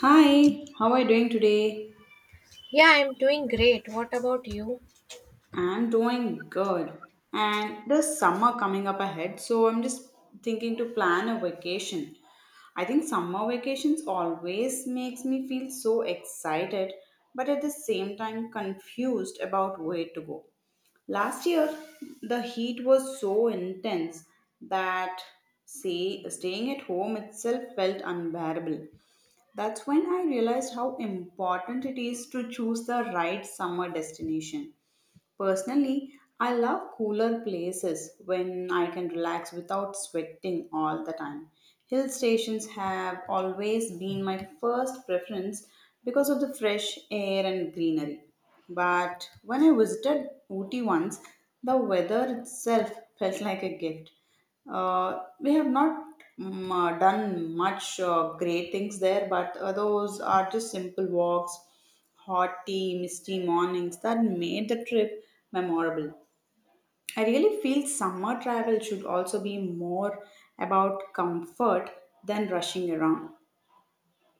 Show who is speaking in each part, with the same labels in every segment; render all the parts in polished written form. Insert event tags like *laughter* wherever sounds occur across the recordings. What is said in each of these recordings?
Speaker 1: Hi, how are you doing today?
Speaker 2: Yeah, I'm doing great. What about you?
Speaker 1: I'm doing good. And the summer coming up ahead, so I'm just thinking to plan a vacation. I think summer vacations always makes me feel so excited, but at the same time confused about where to go. Last year, the heat was so intense that say, staying at home itself felt unbearable. That's when I realized how important it is to choose the right summer destination. Personally, I love cooler places when I can relax without sweating all the time. Hill stations have always been my first preference because of the fresh air and greenery. But when I visited Ooty once, the weather itself felt like a gift. We have not done much great things there, but those are just simple walks hot tea, misty mornings that made the trip memorable. I really feel summer travel should also be more about comfort than rushing around.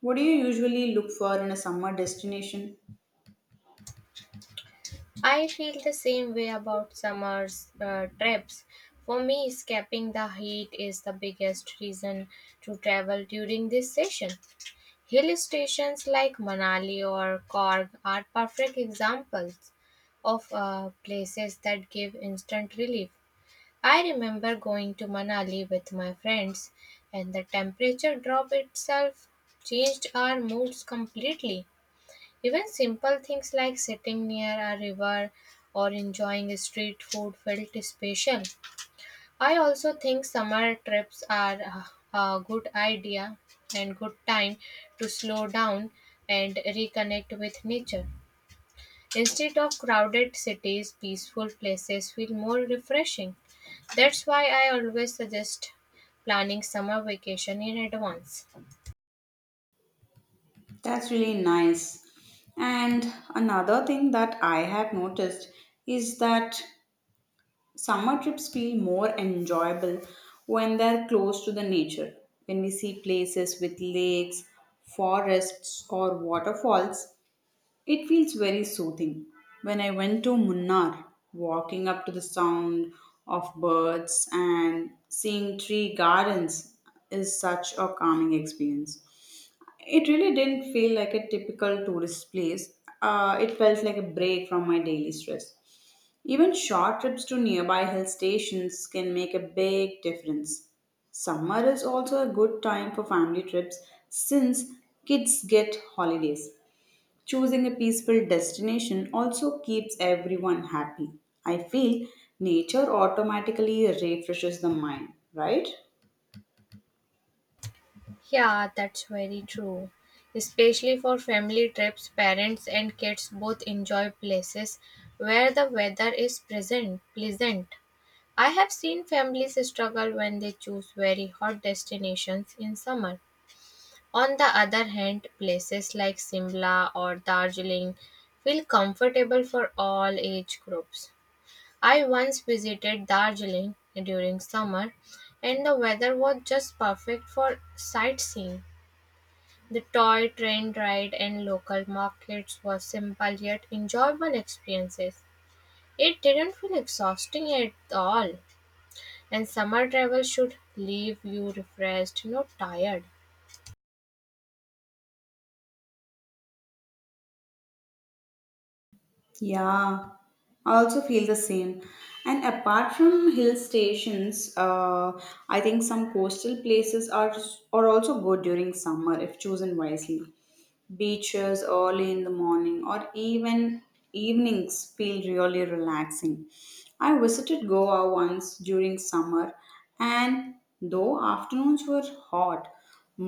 Speaker 1: What do you usually look for in a summer destination?
Speaker 2: I feel the same way about summer's trips. For me, escaping the heat is the biggest reason to travel during this session. Hill stations like Manali or Korg are perfect examples of places that give instant relief. I remember going to Manali with my friends, and the temperature drop itself changed our moods completely. Even simple things like sitting near a river or enjoying street food felt special. I also think summer trips are a good idea and good time to slow down and reconnect with nature. Instead of crowded cities, peaceful places feel more refreshing. That's why I always suggest planning summer vacation in advance.
Speaker 1: That's really nice. And another thing that I have noticed is that summer trips feel more enjoyable when they're close to the nature. When we see places with lakes, forests, or waterfalls, it feels very soothing. When I went to Munnar, walking up to the sound of birds and seeing tree gardens is such a calming experience. It really didn't feel like a typical tourist place. It felt like a break from my daily stress. Even short trips to nearby hill stations can make a big difference. Summer is also a good time for family trips since kids get holidays. Choosing a peaceful destination also keeps everyone happy. I feel nature automatically refreshes the mind, right?
Speaker 2: Yeah, that's very true. Especially for family trips, parents and kids both enjoy places where the weather is present, pleasant. I have seen families struggle when they choose very hot destinations in summer. On the other hand, places like Simla or Darjeeling feel comfortable for all age groups. I once visited Darjeeling during summer and the weather was just perfect for sightseeing. The toy train ride and local markets were simple yet enjoyable experiences. It didn't feel exhausting at all, and summer travel should leave you refreshed, not tired.
Speaker 1: Yeah, I also feel the same. And apart from hill stations, I think some coastal places are also good during summer if chosen wisely. Beaches early in the morning or even evenings feel really relaxing. I visited Goa once during summer, and though afternoons were hot,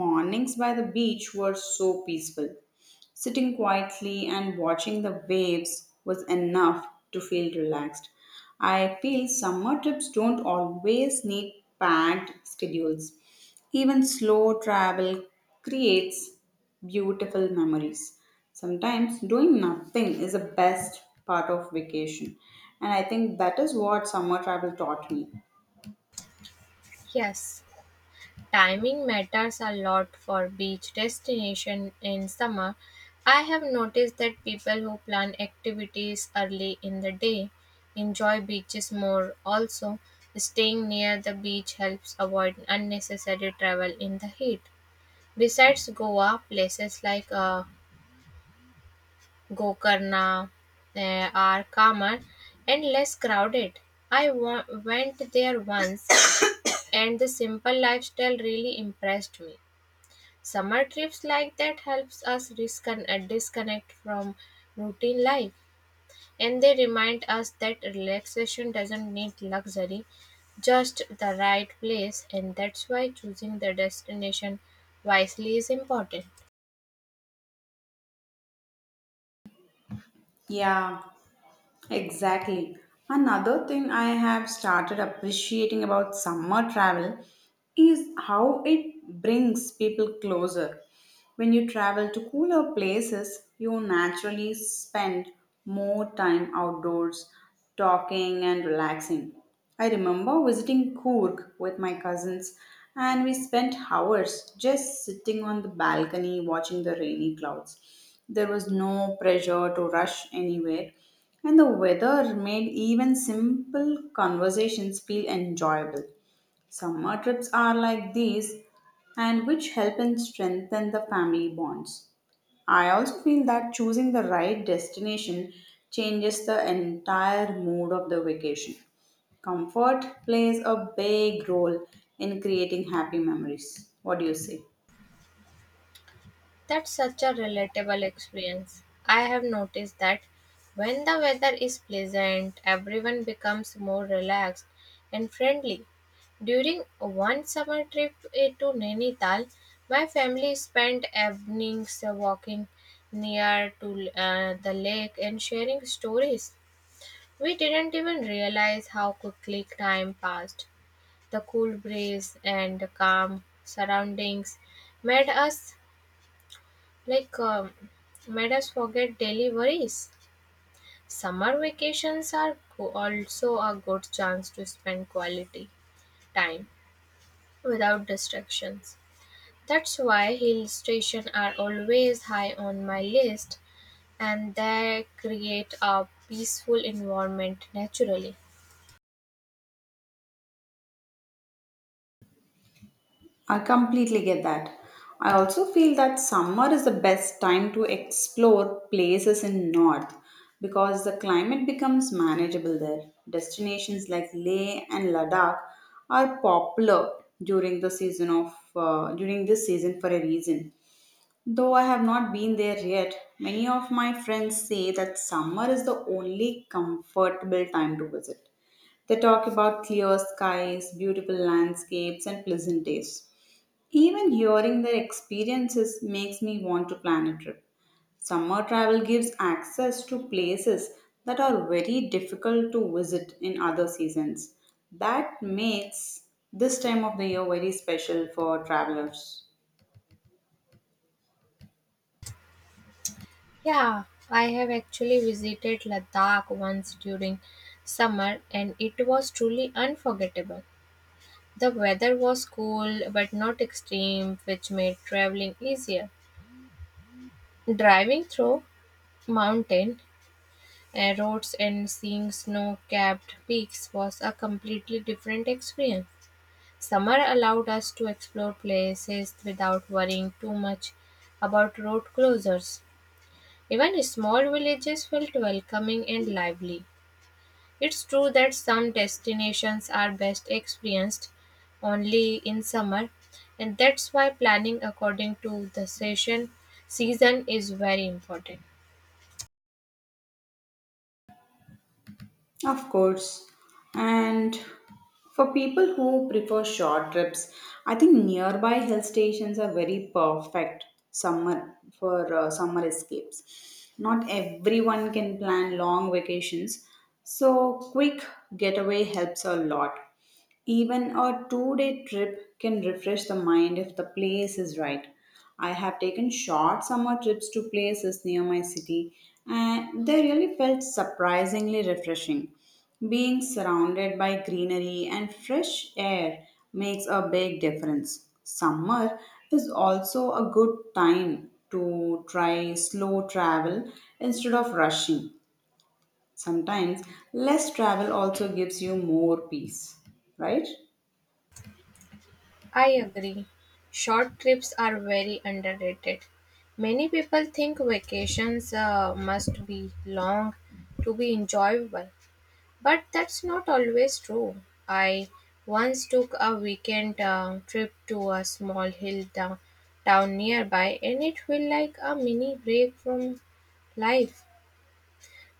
Speaker 1: mornings by the beach were so peaceful. Sitting quietly and watching the waves was enough to feel relaxed. I feel summer trips don't always need packed schedules. Even slow travel creates beautiful memories. Sometimes doing nothing is the best part of vacation. And I think that is what summer travel taught me.
Speaker 2: Yes, timing matters a lot for beach destination in summer. I have noticed that people who plan activities early in the day enjoy beaches more. Also, staying near the beach helps avoid unnecessary travel in the heat. Besides Goa, places like Gokarna are calmer and less crowded. I went there once *coughs* and the simple lifestyle really impressed me. Summer trips like that helps us disconnect from routine life, and they remind us that relaxation doesn't need luxury, just the right place, and that's why choosing the destination wisely is important.
Speaker 1: Yeah, exactly. Another thing I have started appreciating about summer travel is how it brings people closer. When you travel to cooler places, you naturally spend more time outdoors talking and relaxing. I remember visiting Coorg with my cousins, and we spent hours just sitting on the balcony watching the rainy clouds. There was no pressure to rush anywhere, and the weather made even simple conversations feel enjoyable. Summer trips are like these, and which help and strengthen the family bonds. I also feel that choosing the right destination changes the entire mood of the vacation. Comfort plays a big role in creating happy memories. What do you say?
Speaker 2: That's such a relatable experience. I have noticed that when the weather is pleasant, everyone becomes more relaxed and friendly. During one summer trip to Nainital, my family spent evenings walking near to the lake and sharing stories. We didn't even realize how quickly time passed. The cool breeze and the calm surroundings made us like, um, made us forget daily worries. Summer vacations are also a good chance to spend quality time without distractions. That's why hill stations are always high on my list, and they create a peaceful environment naturally.
Speaker 1: I completely get that. I also feel that summer is the best time to explore places in north because the climate becomes manageable there. Destinations like Leh and Ladakh are popular during this season for a reason. Though I have not been there yet, many of my friends say that summer is the only comfortable time to visit. They talk about clear skies, beautiful landscapes, and pleasant days. Even hearing their experiences makes me want to plan a trip. Summer travel gives access to places that are very difficult to visit in other seasons. That makes this time of the year very special for travelers.
Speaker 2: Yeah, I have actually visited Ladakh once during summer, and it was truly unforgettable. The weather was cool but not extreme, which made traveling easier. Driving through mountain roads and seeing snow capped peaks was a completely different experience. Summer allowed us to explore places without worrying too much about road closures. Even small villages felt welcoming and lively. It's true that some destinations are best experienced only in summer, and that's why planning according to the session season is very important.
Speaker 1: Of course. And for people who prefer short trips, I think nearby hill stations are very perfect summer escapes. Not everyone can plan long vacations, so quick getaway helps a lot. Even a 2-day trip can refresh the mind if the place is right. I have taken short summer trips to places near my city and they really felt surprisingly refreshing. Being surrounded by greenery and fresh air makes a big difference. Summer is also a good time to try slow travel instead of rushing. Sometimes less travel also gives you more peace, right?
Speaker 2: I agree. Short trips are very underrated. Many people think vacations must be long to be enjoyable, but that's not always true. I once took a weekend trip to a small town nearby, and it felt like a mini break from life.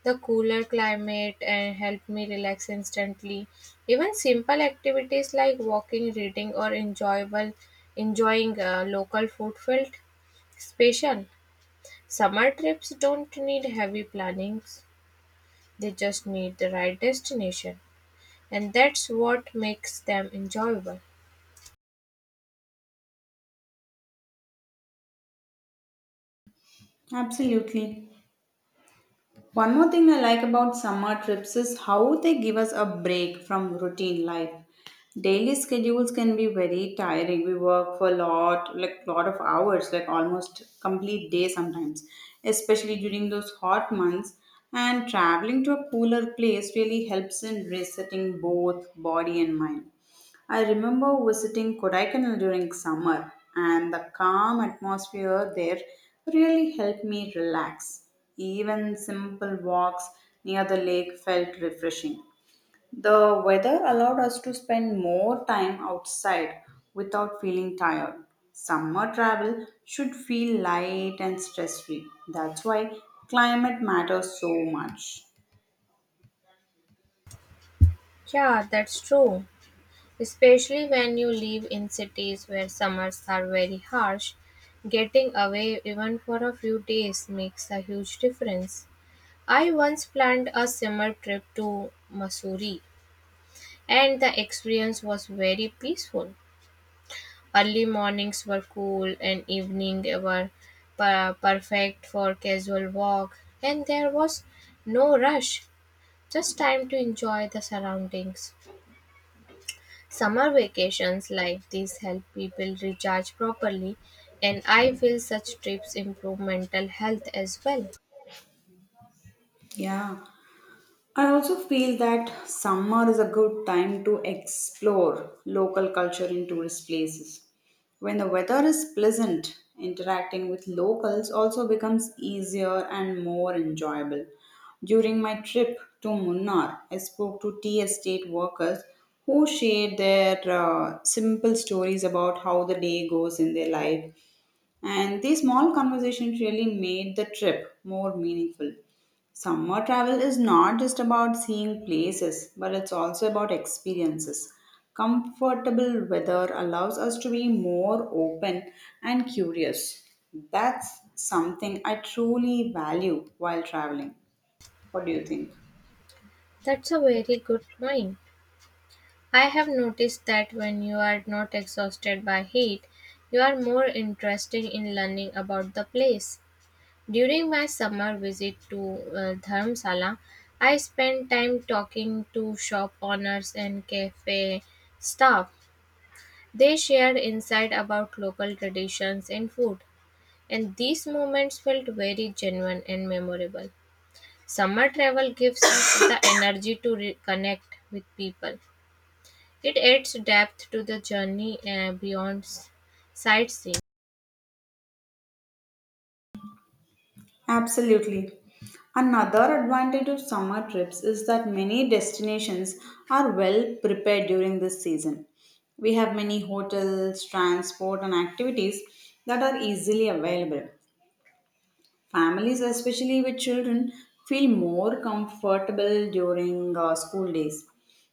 Speaker 2: The cooler climate and helped me relax instantly. Even simple activities like walking, reading, or enjoyable enjoying local food felt special. Summer trips don't need heavy plannings. They just need the right destination. And that's what makes them enjoyable.
Speaker 1: Absolutely. One more thing I like about summer trips is how they give us a break from routine life. Daily schedules can be very tiring. We work for a lot, like lot of hours, like almost complete day sometimes, especially during those hot months. And traveling to a cooler place really helps in resetting both body and mind. I remember visiting Kodaikanal during summer, and the calm atmosphere there really helped me relax. Even simple walks near the lake felt refreshing. The weather allowed us to spend more time outside without feeling tired. Summer travel should feel light and stress free. That's why climate matters so much.
Speaker 2: Yeah, that's true. Especially when you live in cities where summers are very harsh, getting away even for a few days makes a huge difference. I once planned a summer trip to Missouri, and the experience was very peaceful. Early mornings were cool, and evenings were perfect for casual walk, and there was no rush, just time to enjoy the surroundings. Summer vacations like these help people recharge properly, and I feel such trips improve mental health as well.
Speaker 1: Yeah. I also feel that summer is a good time to explore local culture in tourist places. When the weather is pleasant, interacting with locals also becomes easier and more enjoyable. During my trip to Munnar, I spoke to tea estate workers who shared their simple stories about how the day goes in their life. And these small conversations really made the trip more meaningful. Summer travel is not just about seeing places, but it's also about experiences. Comfortable weather allows us to be more open and curious. That's something I truly value while traveling. What do you think?
Speaker 2: That's a very good point. I have noticed that when you are not exhausted by heat, you are more interested in learning about the place. During my summer visit to Dharamsala, I spent time talking to shop owners and cafe staff. They shared insight about local traditions and food, and these moments felt very genuine and memorable. Summer travel gives us *coughs* the energy to reconnect with people. It adds depth to the journey beyond sightseeing.
Speaker 1: Absolutely. Another advantage of summer trips is that many destinations are well prepared during this season. We have many hotels, transport, and activities that are easily available. Families, especially with children, feel more comfortable during school days.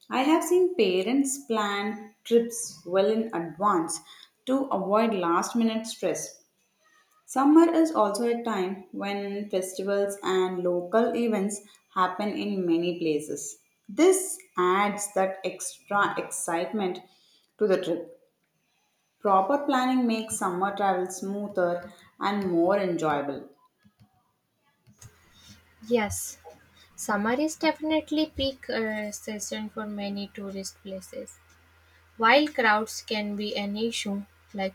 Speaker 1: I have seen parents plan trips well in advance to avoid last minute stress. Summer is also a time when festivals and local events happen in many places. This adds that extra excitement to the trip. Proper planning makes summer travel smoother and more enjoyable.
Speaker 2: Yes, summer is definitely peak season for many tourist places. While crowds can be an issue, like,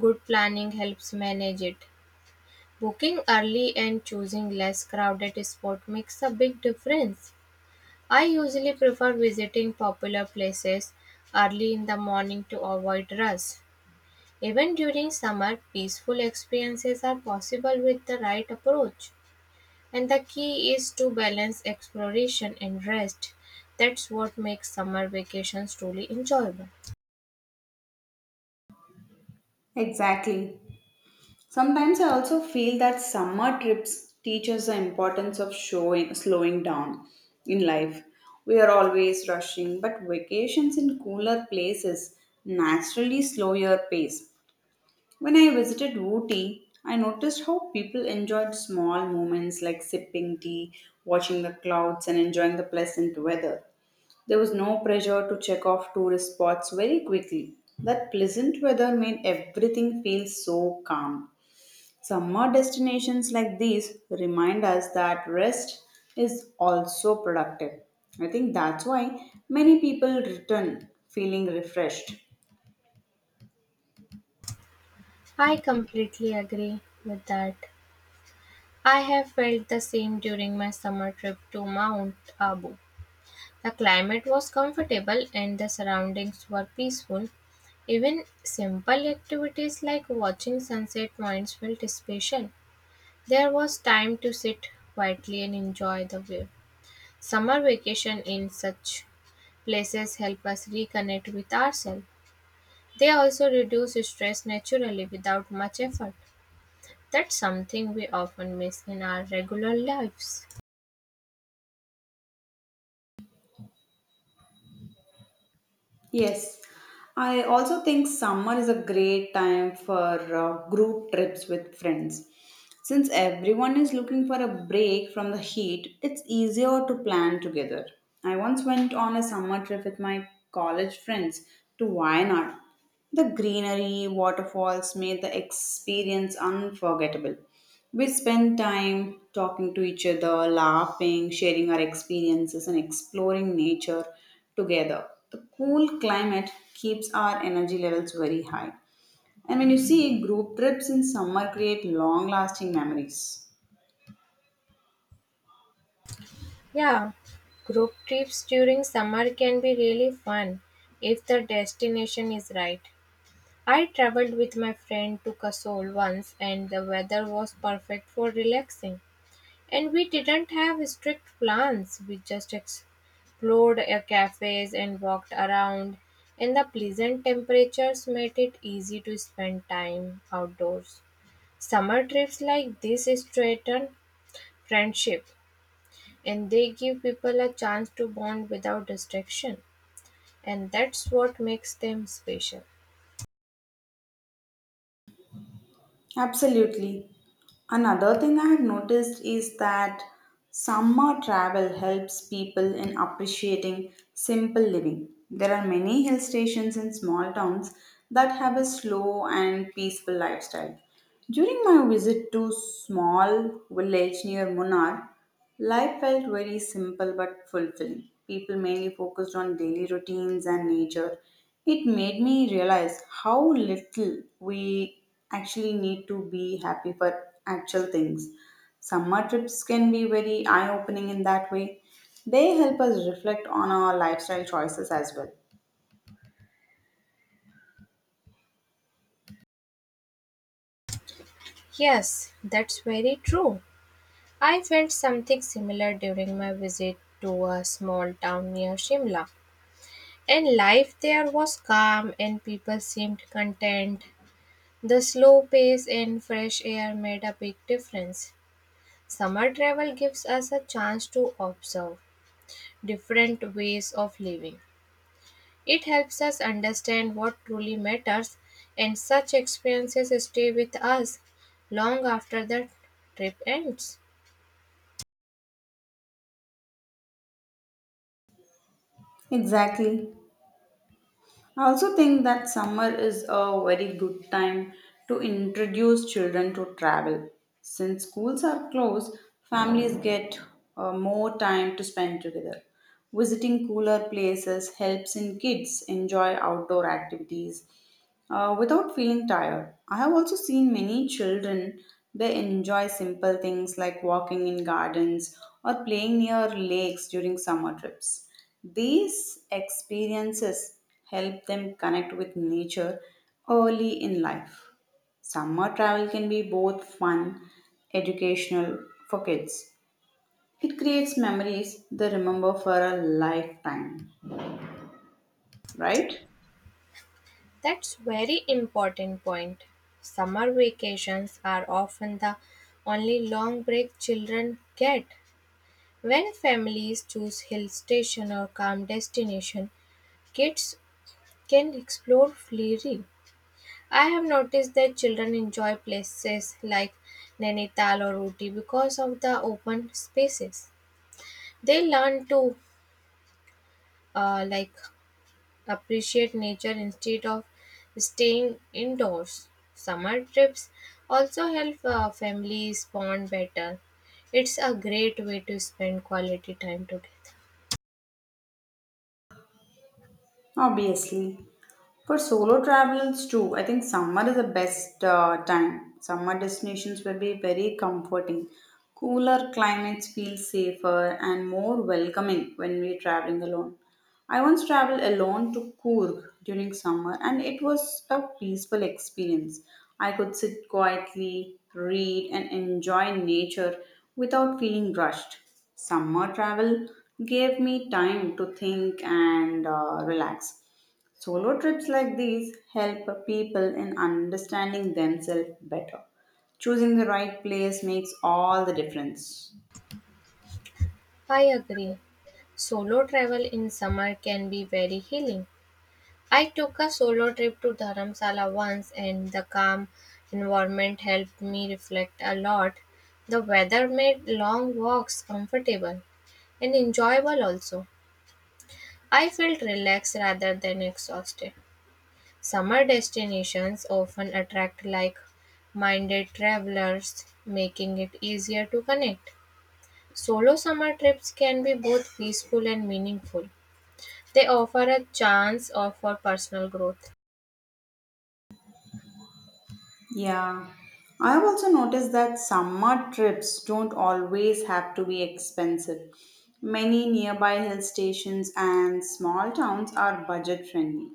Speaker 2: good planning helps manage it. Booking early and choosing less crowded spot makes a big difference. I usually prefer visiting popular places early in the morning to avoid rush. Even during summer, peaceful experiences are possible with the right approach. And the key is to balance exploration and rest. That's what makes summer vacations truly enjoyable.
Speaker 1: Exactly. Sometimes I also feel that summer trips teach us the importance of showing slowing down in life. We are always rushing, but vacations in cooler places naturally slow your pace. When I visited Ooty, I noticed how people enjoyed small moments like sipping tea, watching the clouds, and enjoying the pleasant weather. There was no pressure to check off tourist spots very quickly. That pleasant weather made everything feel so calm. Summer destinations like these remind us that rest is also productive. I think that's why many people return feeling refreshed.
Speaker 2: I completely agree with that. I have felt the same during my summer trip to Mount Abu. The climate was comfortable and the surroundings were peaceful. Even simple activities like watching sunset points felt special. There was time to sit quietly and enjoy the view. Summer vacation in such places help us reconnect with ourselves. They also reduce stress naturally without much effort. That's something we often miss in our regular lives.
Speaker 1: Yes, I also think summer is a great time for group trips with friends. Since everyone is looking for a break from the heat, it's easier to plan together. I once went on a summer trip with my college friends to Wayanad. The greenery, waterfalls made the experience unforgettable. We spent time talking to each other, laughing, sharing our experiences, and exploring nature together. The cool climate keeps our energy levels very high. And when you see group trips in summer create long lasting memories.
Speaker 2: Yeah, group trips during summer can be really fun if the destination is right. I traveled with my friend to Kasol once and the weather was perfect for relaxing. And we didn't have strict plans. We just explored cafes and walked around, and the pleasant temperatures made it easy to spend time outdoors. Summer trips like this strengthen friendship, and they give people a chance to bond without distraction, and that's what makes them special.
Speaker 1: Absolutely. Another thing I have noticed is that summer travel helps people in appreciating simple living. There are many hill stations in small towns that have a slow and peaceful lifestyle. During my visit to small village near Munnar, life felt very simple but fulfilling. People mainly focused on daily routines and nature. It made me realize how little we actually need to be happy for actual things. Summer trips can be very eye opening in that way. They help us reflect on our lifestyle choices as well.
Speaker 2: Yes, that's very true. I felt something similar during my visit to a small town near Shimla. And life there was calm and people seemed content. The slow pace and fresh air made a big difference. Summer travel gives us a chance to observe different ways of living. It helps us understand what truly matters, and such experiences stay with us long after the trip ends.
Speaker 1: Exactly. I also think that summer is a very good time to introduce children to travel. Since schools are closed, families get more time to spend together. Visiting cooler places helps in kids enjoy outdoor activities without feeling tired. I have also seen many children they enjoy simple things like walking in gardens or playing near lakes during summer trips. These experiences help them connect with nature early in life. Summer travel can be both fun, educational for kids. It creates memories they remember for a lifetime, right?
Speaker 2: That's very important point. Summer vacations are often the only long break children get. When families choose hill station or calm destination, kids can explore freely. I have noticed that children enjoy places like Nainital or Ooty because of the open spaces. They learn to uh, like appreciate nature instead of staying indoors. Summer trips also help families bond better. It's a great way to spend quality time together.
Speaker 1: Obviously, for solo travels too, I think summer is the best time. Summer destinations will be very comforting. Cooler climates feel safer and more welcoming when we're traveling alone. I once traveled alone to Coorg during summer and it was a peaceful experience. I could sit quietly, read, and enjoy nature without feeling rushed. Summer travel gave me time to think and relax. Solo trips like these help people in understanding themselves better. Choosing the right place makes all the difference.
Speaker 2: I agree. Solo travel in summer can be very healing. I took a solo trip to Dharamsala once and the calm environment helped me reflect a lot. The weather made long walks comfortable and enjoyable also. I felt relaxed rather than exhausted. Summer destinations often attract like minded travelers, making it easier to connect. Solo summer trips can be both peaceful and meaningful. They offer a chance of for personal growth.
Speaker 1: Yeah. I've also noticed that summer trips don't always have to be expensive. Many nearby hill stations and small towns are budget friendly.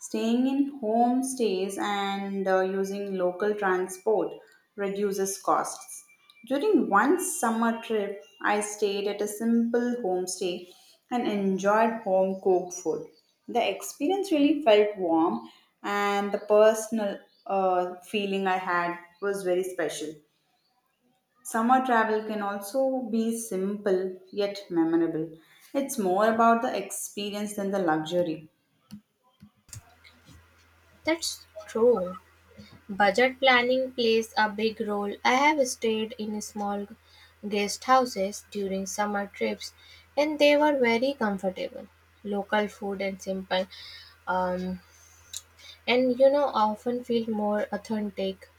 Speaker 1: Staying in homestays and using local transport reduces costs. During one summer trip, I stayed at a simple homestay and enjoyed home cooked food. The experience really felt warm, and the personal feeling I had was very special. Summer travel can also be simple yet memorable. It's more about the experience than the luxury.
Speaker 2: That's true. Budget planning plays a big role. I have stayed in small guest houses during summer trips and they were very comfortable. Local food and simple um, and you know often feel more authentic.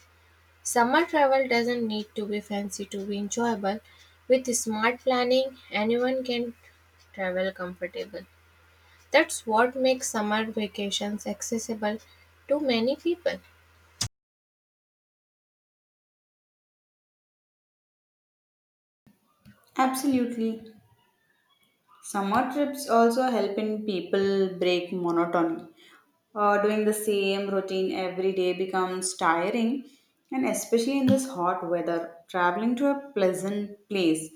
Speaker 2: Summer travel doesn't need to be fancy to be enjoyable. With smart planning, anyone can travel comfortable. That's what makes summer vacations accessible to many people.
Speaker 1: Absolutely. Summer trips also help in people break monotony. Doing the same routine every day becomes tiring, and especially in this hot weather, traveling to a pleasant place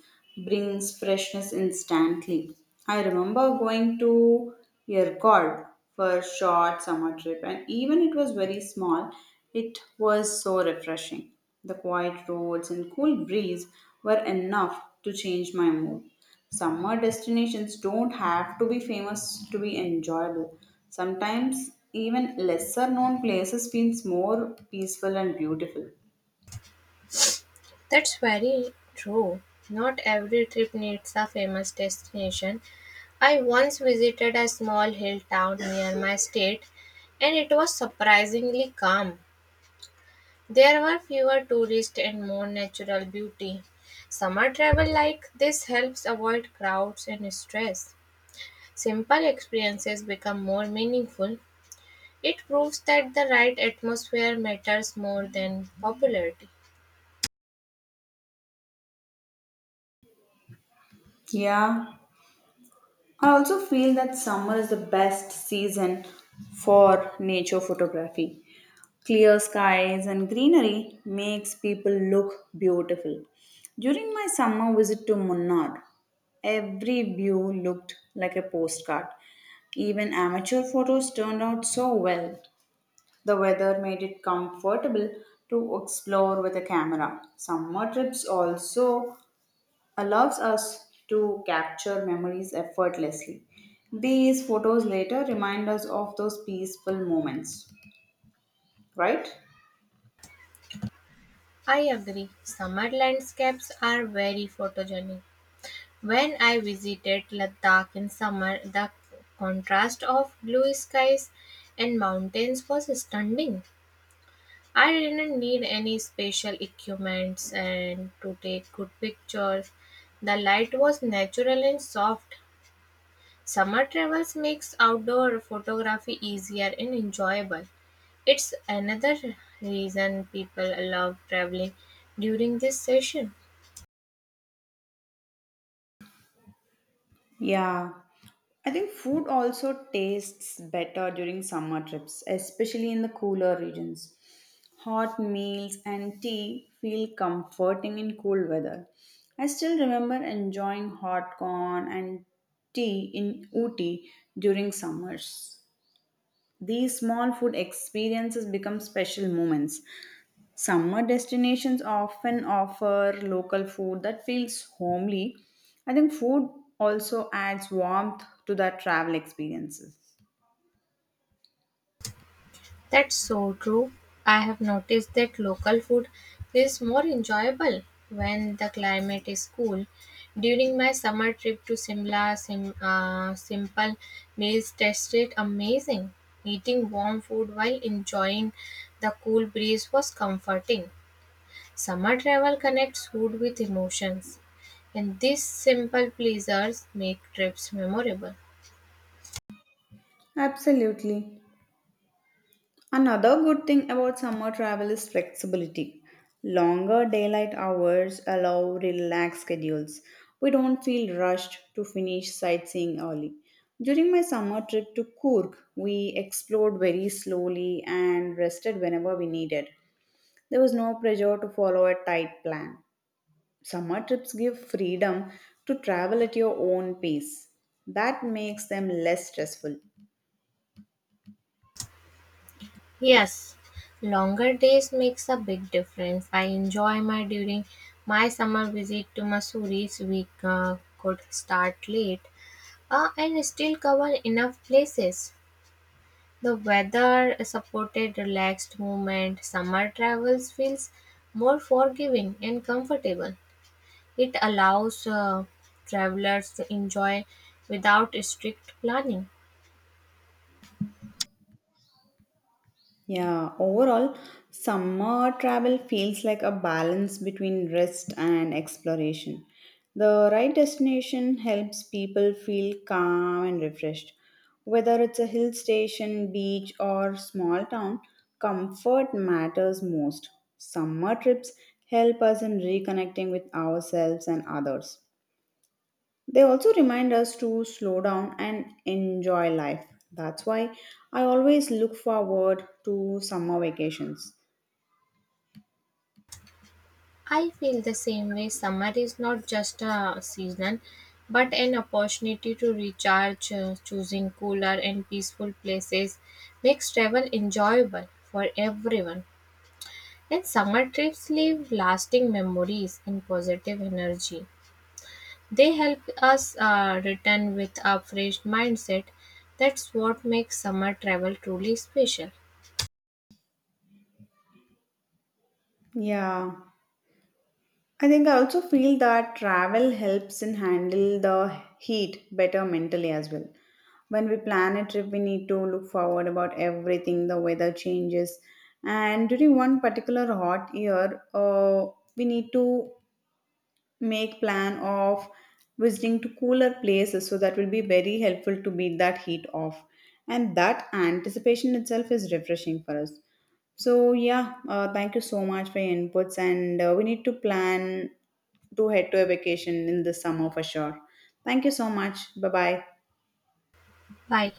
Speaker 1: brings freshness instantly. I remember going to Yerkod for a short summer trip, and even it was very small, it was so refreshing. The quiet roads and cool breeze were enough to change my mood. Summer destinations don't have to be famous to be enjoyable. Sometimes even lesser known places feels more peaceful and beautiful.
Speaker 2: That's very true. Not every trip needs a famous destination. I once visited a small hill town near my state and it was surprisingly calm. There were fewer tourists and more natural beauty. Summer travel like this helps avoid crowds and stress. Simple experiences become more meaningful. It proves that the right atmosphere matters more than popularity.
Speaker 1: Yeah, I also feel that summer is the best season for nature photography. Clear skies and greenery makes people look beautiful. During my summer visit to Munnar, every view looked like a postcard. Even amateur photos turned out so well. The weather made it comfortable to explore with a camera. Summer trips also allows us to capture memories effortlessly. These photos later remind us of those peaceful moments, right?
Speaker 2: I agree. Summer landscapes are very photogenic. When I visited Ladakh in summer, the contrast of blue skies and mountains was stunning. I didn't need any special equipments and to take good pictures. The light was natural and soft. Summer travels makes outdoor photography easier and enjoyable. It's another reason people love traveling during this session.
Speaker 1: Yeah, I think food also tastes better during summer trips, especially in the cooler regions. Hot meals and tea feel comforting in cool weather. I still remember enjoying hot corn and tea in Ooty during summers. These small food experiences become special moments. Summer destinations often offer local food that feels homely. I think food also adds warmth to the travel experiences.
Speaker 2: That's so true. I have noticed that local food is more enjoyable when the climate is cool. During my summer trip to Simla, simple meals tasted amazing. Eating warm food while enjoying the cool breeze was comforting. Summer travel connects food with emotions, and these simple pleasures make trips memorable.
Speaker 1: Absolutely. Another good thing about summer travel is flexibility. Longer daylight hours allow relaxed schedules. We don't feel rushed to finish sightseeing early. During my summer trip to Kurk, we explored very slowly and rested whenever we needed. There was no pressure to follow a tight plan. Summer trips give freedom to travel at your own pace. That makes them less stressful.
Speaker 2: Yes, longer days makes a big difference. I enjoy my during my summer visit to Mussoories. We could start late and still cover enough places. The weather supported relaxed movement. Summer travels feels more forgiving and comfortable. It allows travelers to enjoy without strict planning.
Speaker 1: Yeah, overall, summer travel feels like a balance between rest and exploration. The right destination helps people feel calm and refreshed. Whether it's a hill station, beach, or small town, comfort matters most. Summer trips help us in reconnecting with ourselves and others. They also remind us to slow down and enjoy life. That's why I always look forward to summer vacations.
Speaker 2: I feel the same way. Summer is not just a season, but an opportunity to recharge. Choosing cooler and peaceful places makes travel enjoyable for everyone. And summer trips leave lasting memories and positive energy. They help us return with a fresh mindset. That's what makes summer travel truly special.
Speaker 1: Yeah, I think I also feel that travel helps in handle the heat better mentally as well. When we plan a trip, we need to look forward about everything, the weather changes, and during one particular hot year, we need to make plan of visiting to cooler places so that will be very helpful to beat that heat off and that anticipation itself is refreshing for us. So yeah, thank you so much for your inputs and we need to plan to head to a vacation in the summer for sure. Thank you so much. Bye bye.
Speaker 2: Bye.